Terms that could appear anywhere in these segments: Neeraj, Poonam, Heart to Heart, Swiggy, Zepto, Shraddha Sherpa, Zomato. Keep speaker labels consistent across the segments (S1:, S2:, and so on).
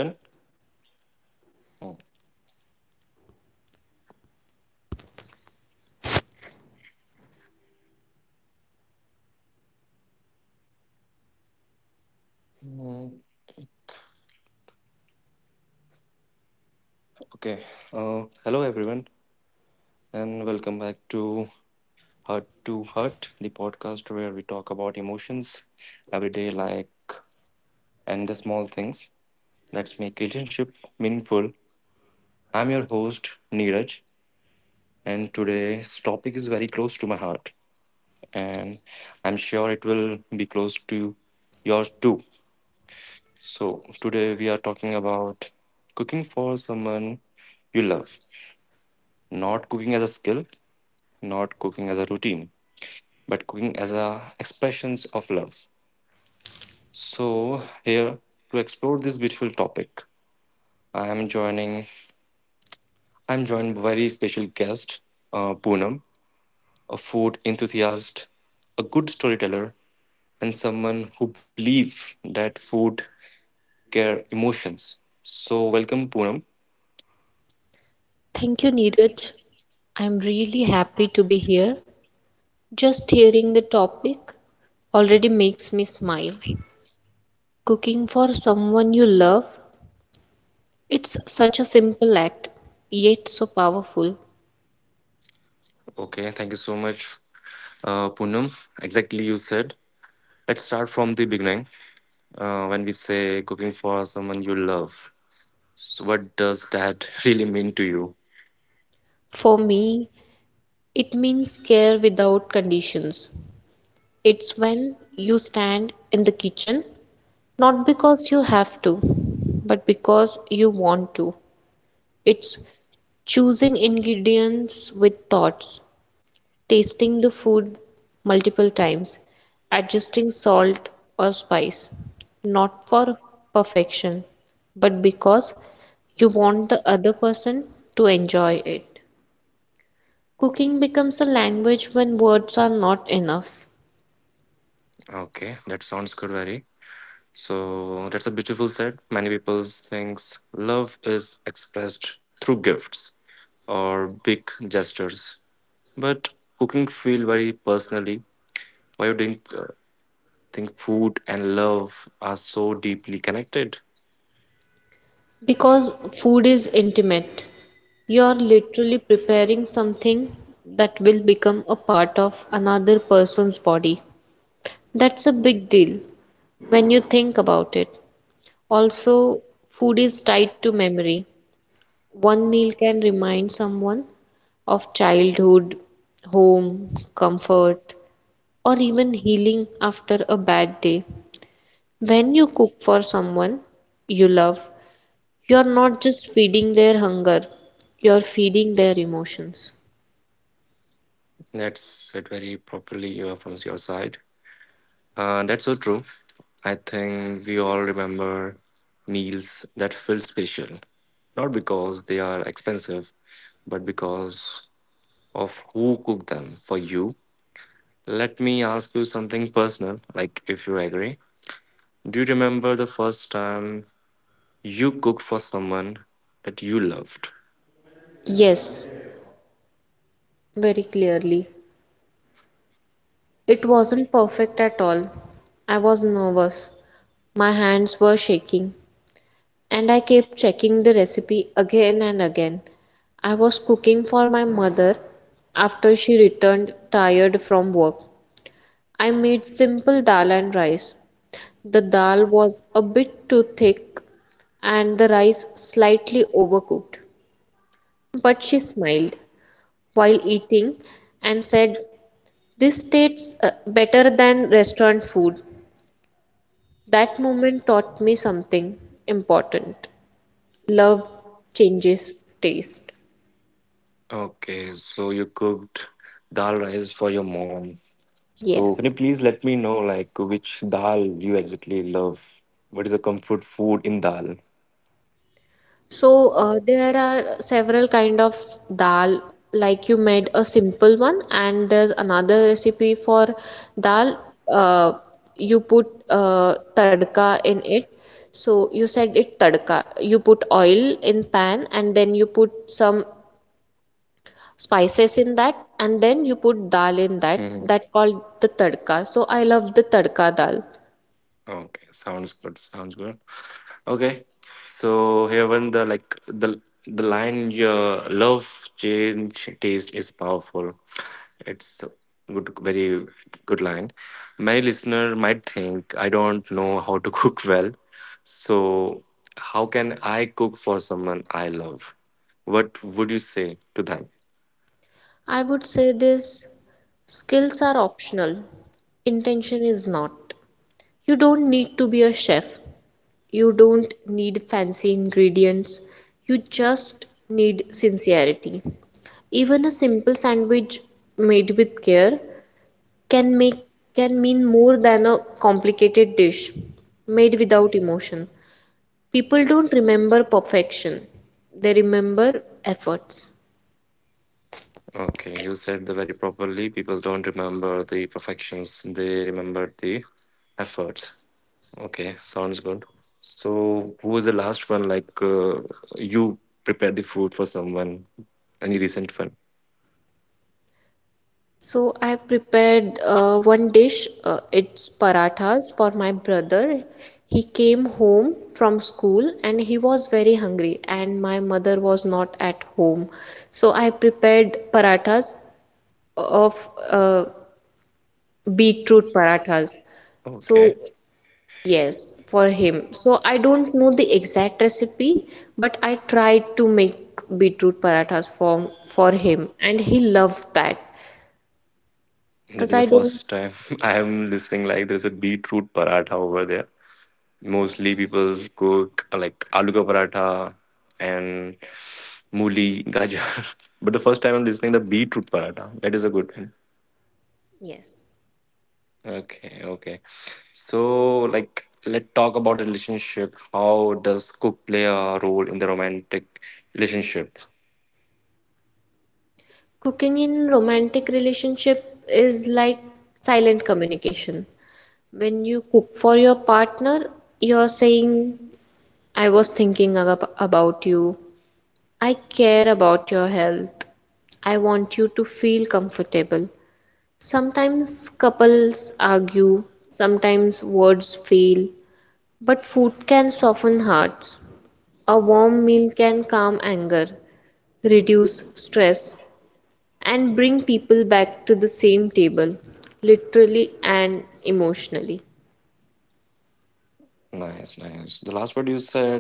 S1: Done? Oh. Mm. Okay. Hello, everyone, and welcome back to Heart, the podcast where we talk about emotions, everyday like, and the small things that make relationship meaningful. I'm your host, Neeraj, and today's topic is very close to my heart, and I'm sure it will be close to yours too. So, today we are talking about cooking for someone you love. Not cooking as a skill, not cooking as a routine, but cooking as a expressions of love. So here to explore this beautiful topic, I am joining. I'm joined by very special guest, Poonam, a food enthusiast, a good storyteller, and someone who believes that food care emotions. So welcome, Poonam.
S2: Thank you, Neeraj. I'm really happy to be here. Just hearing the topic already makes me smile. Cooking for someone you love, it's such a simple act, yet so powerful.
S1: Okay, thank you so much, Poonam. Exactly you said. Let's start from the beginning. When we say cooking for someone you love. So what does that really mean to you?
S2: For me, it means care without conditions. It's when you stand in the kitchen, not because you have to, but because you want to. It's choosing ingredients with thoughts tasting the food multiple times, adjusting salt or spice, not for perfection, but because you want the other person to enjoy it. Cooking becomes a language when words are not enough
S1: Okay, that sounds good, very. So that's a beautiful said. Many people thinks love is expressed through gifts or big gestures, but cooking feel very personally. Why you think think food and love are so deeply connected?
S2: because food is intimate. You're literally preparing something that will become a part of another person's body. That's a big deal when you think about it. Also, food is tied to memory. One meal can remind someone of childhood, home, comfort, or even healing after a bad day. When you cook for someone you love, you are not just feeding their hunger, you are feeding their emotions.
S1: That's said very properly from your side. That's so true. I think we all remember meals that feel special, not because they are expensive, but because of who cooked them for you. Let me ask you something personal, like if you agree. Do you remember the first time you cooked for someone that you loved?
S2: Yes, very clearly. It wasn't perfect at all. I was nervous. My hands were shaking, and I kept checking the recipe again and again. I was cooking for my mother after she returned tired from work. I made simple dal and rice. The dal was a bit too thick and the rice slightly overcooked, but she smiled while eating and said, "This tastes better than restaurant food." That moment taught me something important: love changes taste.
S1: Okay, so you cooked dal rice for your mom. So can you
S2: Yes.
S1: please let me know like which dal you exactly love? What is the comfort food in dal?
S2: So there are several kind of dal. Like you made a simple one, and there's another recipe for dal, uh, you put tadka in it. So you said it tadka. You put oil in pan and then you put some spices in that and then you put dal in that that called the tadka. So I love the tadka dal.
S1: Okay, sounds good. Sounds good. Okay, so here when the like the line your love change taste is powerful. It's a good, very good line. Many listener might think I don't know how to cook well, so how can I cook for someone I love? What would you say to them?
S2: I would say this: skills are optional. Intention is not. You don't need to be a chef. You don't need fancy ingredients. You just need sincerity. Even a simple sandwich made with care can make can mean more than a complicated dish made without emotion. People don't remember perfection. They remember efforts.
S1: Okay, you said the very properly. People don't remember the perfections; they remember the efforts. Okay, sounds good. So, who was the last one? Like, you prepared the food for someone, any recent one?
S2: So I prepared one dish, it's parathas for my brother. He came home from school and he was very hungry, and my mother was not at home. So I prepared parathas of uh, beetroot parathas. So,
S1: Okay,
S2: yes, for him. So I don't know the exact recipe, but I tried to make beetroot parathas for him, and he loved that
S1: that
S2: because
S1: is the
S2: I don't.
S1: first time I
S2: Yes,
S1: am listening. Like, there's a beetroot paratha over there.
S2: yes.
S1: Mostly people cook like aloo ka paratha and mooli, gajar. But the first time I'm listening the beetroot paratha. That is a good.
S2: Yes.
S1: Okay, okay. So, like, let's talk about the relationship. How does cook play a role in the romantic relationship?
S2: Cooking in romantic relationship is like silent communication. When you cook for your partner, you're saying, I was thinking about you. I care about your health. I want you to feel comfortable. Sometimes couples argue, sometimes words fail, but food can soften hearts. A warm meal can calm anger, reduce stress, and bring people back to the same table, literally and emotionally.
S1: Nice, nice. The last word you said,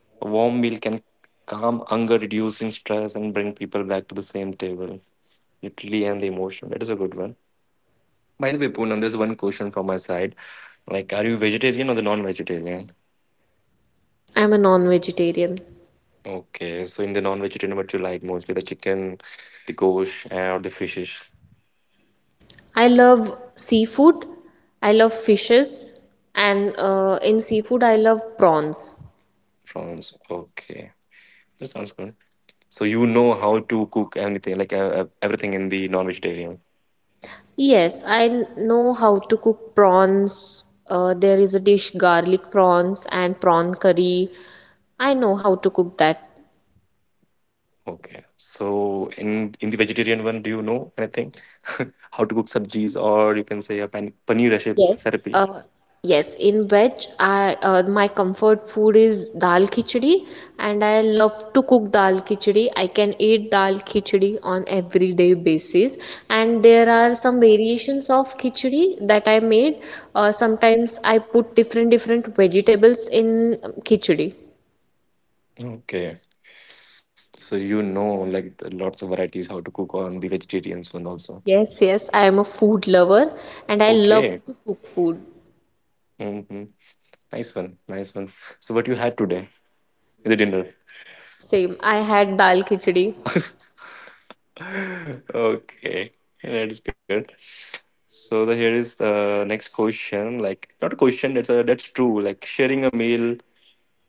S1: a warm meal can calm hunger, reducing stress, and bring people back to the same table, literally and the emotion. That is a good one. By the way, Poonam, there's one question from my side. Like, are you vegetarian or the non-vegetarian?
S2: I'm a non vegetarian.
S1: Okay, so in the non-vegetarian, what you like mostly? The chicken, the gosh, or the fishes?
S2: I love seafood, I love fishes, and in seafood, I love prawns.
S1: Prawns. Okay, that sounds good. So you know how to cook anything, like everything in the non-vegetarian.
S2: Yes, I know how to cook prawns. There is a dish, garlic prawns, and prawn curry. I know how to cook that.
S1: Okay. So in the vegetarian one, do you know anything? How to cook sabjis, or you can say a pan paneer recipe.
S2: Yes,
S1: recipe.
S2: yes. In veg, I my comfort food is dal khichdi, and I love to cook dal khichdi. I can eat dal khichdi on everyday basis, and there are some variations of khichdi that I made. Sometimes I put different different vegetables in khichdi.
S1: Okay. So you know like the lots of varieties how to cook on the vegetarians one also.
S2: Yes, yes. I am a food lover, and I love
S1: Okay.
S2: to cook food.
S1: Mm-hmm. Nice one. Nice one. So what you had today in the dinner?
S2: Same. I had dal khichdi.
S1: Okay. Yeah, that is good. So the here is the next question, like not a question, that's a, that's true, like sharing a meal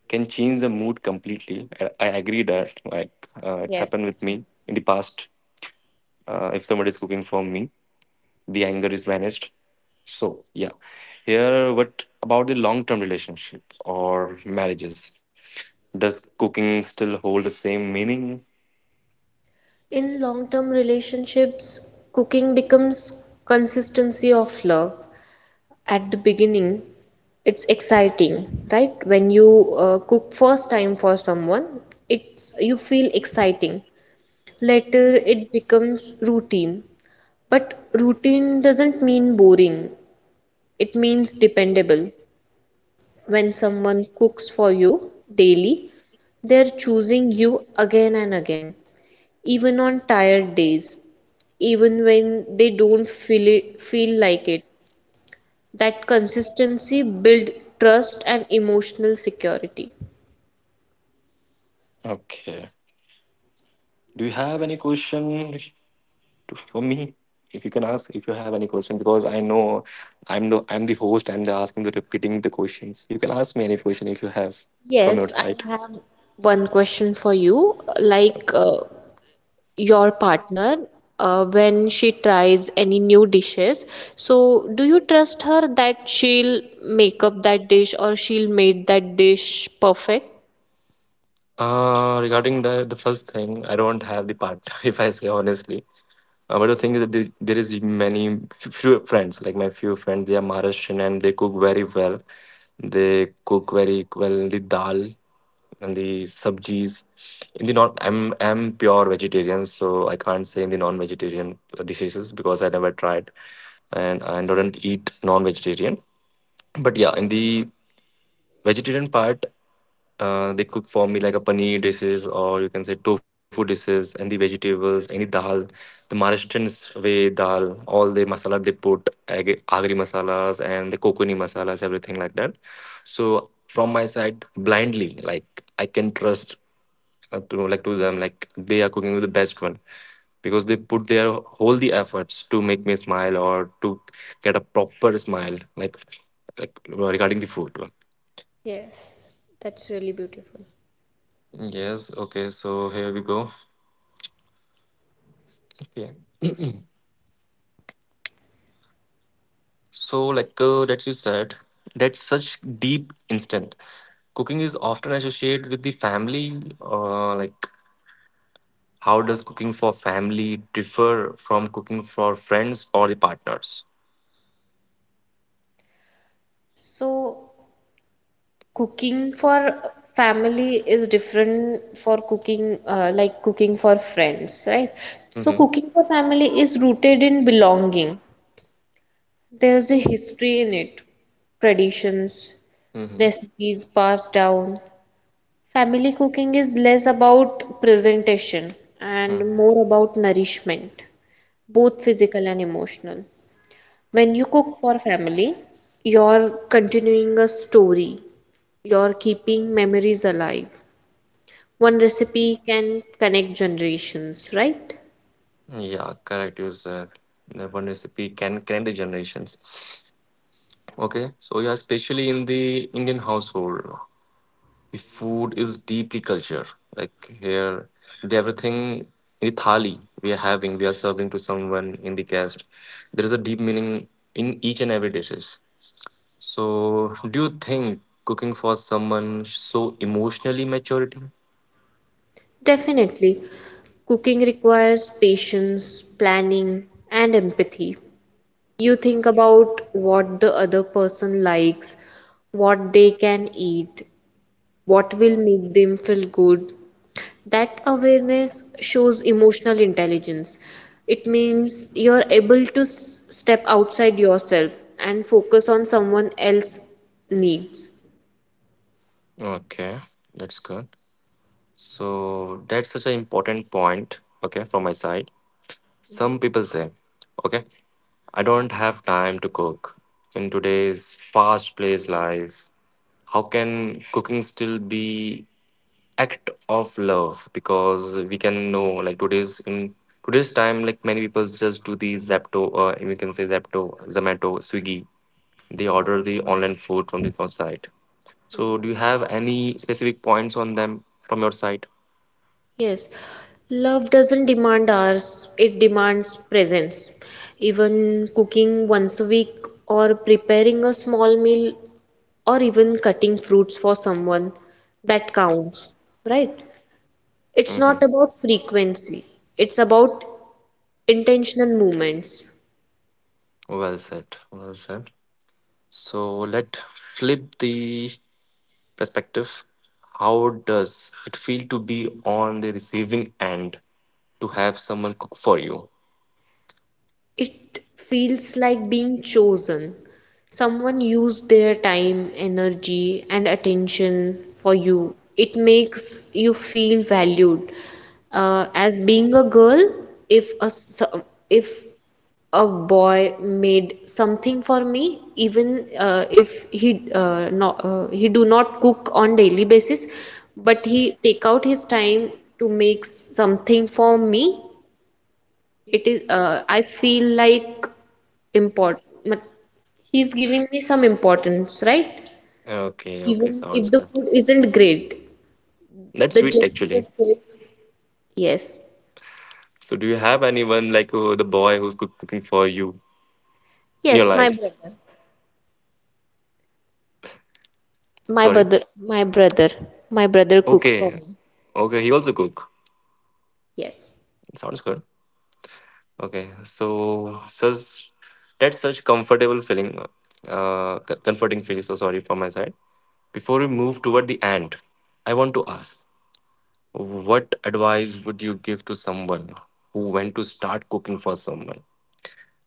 S1: can change the mood completely. I agree that like it's
S2: Yes,
S1: happened with me
S2: absolutely.
S1: in the past. If somebody is cooking for me, the anger is managed. So yeah, here what about the long term relationship or marriages, does cooking still hold the same meaning?
S2: In long-term relationships, cooking becomes consistency of love. At the beginning, it's exciting, right? When you cook first time for someone, it's you feel exciting. Later, it becomes routine. But routine doesn't mean boring. It means dependable. When someone cooks for you daily, they're choosing you again and again, even on tired days, even when they don't feel like it. That consistency build trust and emotional security.
S1: Okay, do you have any question for me, if you can ask, if you have any question? Because I know I'm the, I'm the host, I'm the asking, the repeating the questions. You can ask me any question if you have from your
S2: Yes, I
S1: side.
S2: have one question for you. Like your partner, when she tries any new dishes, so do you trust her that she'll make up that dish or she'll make that dish perfect?
S1: Regarding the first thing, I don't have the part. If I say honestly, but the thing is that there is many few friends, like my few friends, they are Maharashtrian and they cook very well. they the dal and the subgis. In the non, I'm pure vegetarian, so I can't say in the non-vegetarian dishes because I never tried, and I don't eat non-vegetarian. But yeah, in the vegetarian part, they cook for me like a paneer dishes or you can say tofu dishes and the vegetables, any dal, the Maharashtrians way dal, all the masala they put, agri masalas and the coconut masalas, everything like that. So from my side, blindly, like I can trust to like to them, like they are cooking the best one because they put their whole the efforts to make me smile or to get a proper smile, like regarding the food.
S2: Yes, that's really beautiful.
S1: Yes, okay, so here we go. Okay. So, like that you said, that such deep instant. Cooking is often associated with the family. Like, how does cooking for family differ from cooking for friends or the partners?
S2: So, cooking for family is different for cooking, like cooking for friends, right? So,
S1: Mm-hmm.
S2: cooking for family is rooted in belonging. There's a history in it, traditions, recipes passed down. Family cooking is less about presentation and
S1: Mm-hmm.
S2: more about nourishment, both physical and emotional. When you cook for family, you're continuing a story, you're keeping memories alive. One recipe can connect generations, right?
S1: Yeah, correct. You said the one recipe can connect the generations. Okay, so yeah, especially in the Indian household, the food is deeply culture. Like here, the everything in the thali we are having, we are serving to someone in the guest. There is a deep meaning in each and every dishes. So, do you think cooking for someone so emotionally maturity?
S2: Definitely. Cooking requires patience, planning, and empathy. You think about what the other person likes, what they can eat, what will make them feel good. That awareness shows emotional intelligence. It means you're able to step outside yourself and focus on someone else's needs.
S1: Okay, that's good. So that's such an important point. Okay, from my side. Some people say, okay, I don't have time to cook. In today's fast-paced life, how can cooking still be act of love? Because we can know like today's time, like many people just do the Zepto or we can say Zepto, Zomato, Swiggy. They order the online food from the phone site. So do you have any specific points on them from your side?
S2: Yes, love doesn't demand hours, it demands presence. Even cooking once a week, or preparing a small meal, or even cutting fruits for someone, that counts, right? It's
S1: Hmm.
S2: not about frequency, it's about intentional movements.
S1: Well said. Well said. So let's flip the perspective. How does it feel to be on the receiving end to have someone cook for you?
S2: It feels like being chosen. Someone used their time, energy, and attention for you. It makes you feel valued. As being a girl, if a s- if a boy made something for me, even if he do not cook on daily basis but he take out his time to make something for me, it is, I feel like import, but he's giving me some importance, right?
S1: Okay, okay,
S2: Even if
S1: sounds
S2: the
S1: good.
S2: food isn't great,
S1: That's
S2: the
S1: sweet
S2: gesture
S1: actually.
S2: says, yes,
S1: So do you have anyone like the boy who's cooking for you in your
S2: yes,
S1: life?
S2: my
S1: Sorry.
S2: brother, my brother, my brother cooks
S1: Okay,
S2: for me.
S1: okay, he also cook.
S2: Yes.
S1: Sounds good. Okay, so such that's such comfortable feeling, comforting feeling. So sorry for my side. Before we move toward the end, I want to ask what advice would you give to someone who went to start cooking for someone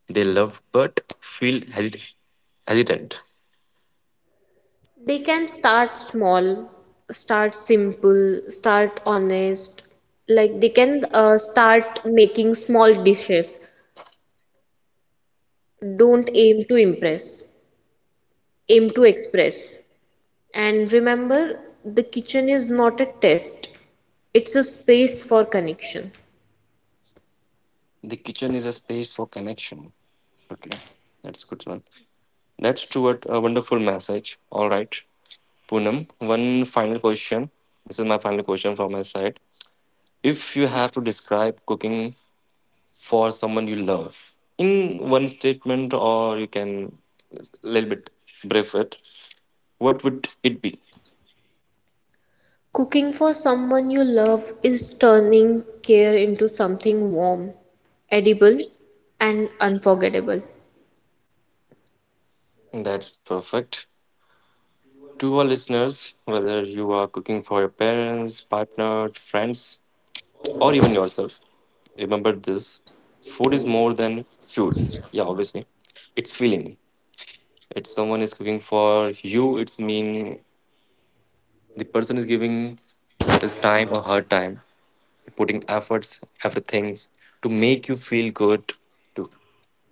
S1: they love but feel hesit- hesitant?
S2: They can start small, start simple, start honest. Like they can start making small dishes. Don't aim to impress, aim to express. And remember, the kitchen is not a test, it's a space for connection.
S1: The kitchen is a space for connection. Okay, that's a good one. That's true. What a wonderful message. All right, Poonam. One final question. This is my final question from my side. If you have to describe cooking for someone you love in one statement, or you can a little bit brief it, what would it be?
S2: Cooking for someone you love is turning care into something warm, edible, and unforgettable.
S1: That's perfect. To our listeners, whether you are cooking for your parents, partner, friends, or even yourself, remember this, food is more than fuel. Yeah, obviously it's feeling. It's someone is cooking for you, it's mean the person is giving his time or her time, putting efforts, everything to make you feel good, to,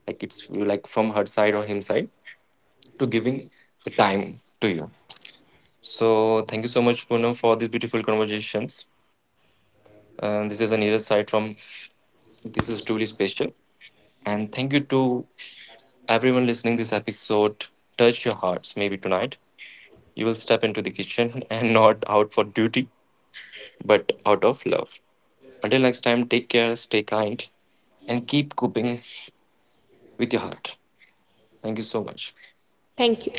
S1: like, it's like from her side or him side, to giving the time to you. So thank you so much, Poonam, for these beautiful conversations. And this is Anira's side from, this is truly special. And thank you to everyone listening this episode. Touch your hearts, maybe tonight. You will step into the kitchen and not out for duty, but out of love. Until next time, take care, stay kind, and keep coping with your heart. Thank you so much.
S2: Thank you.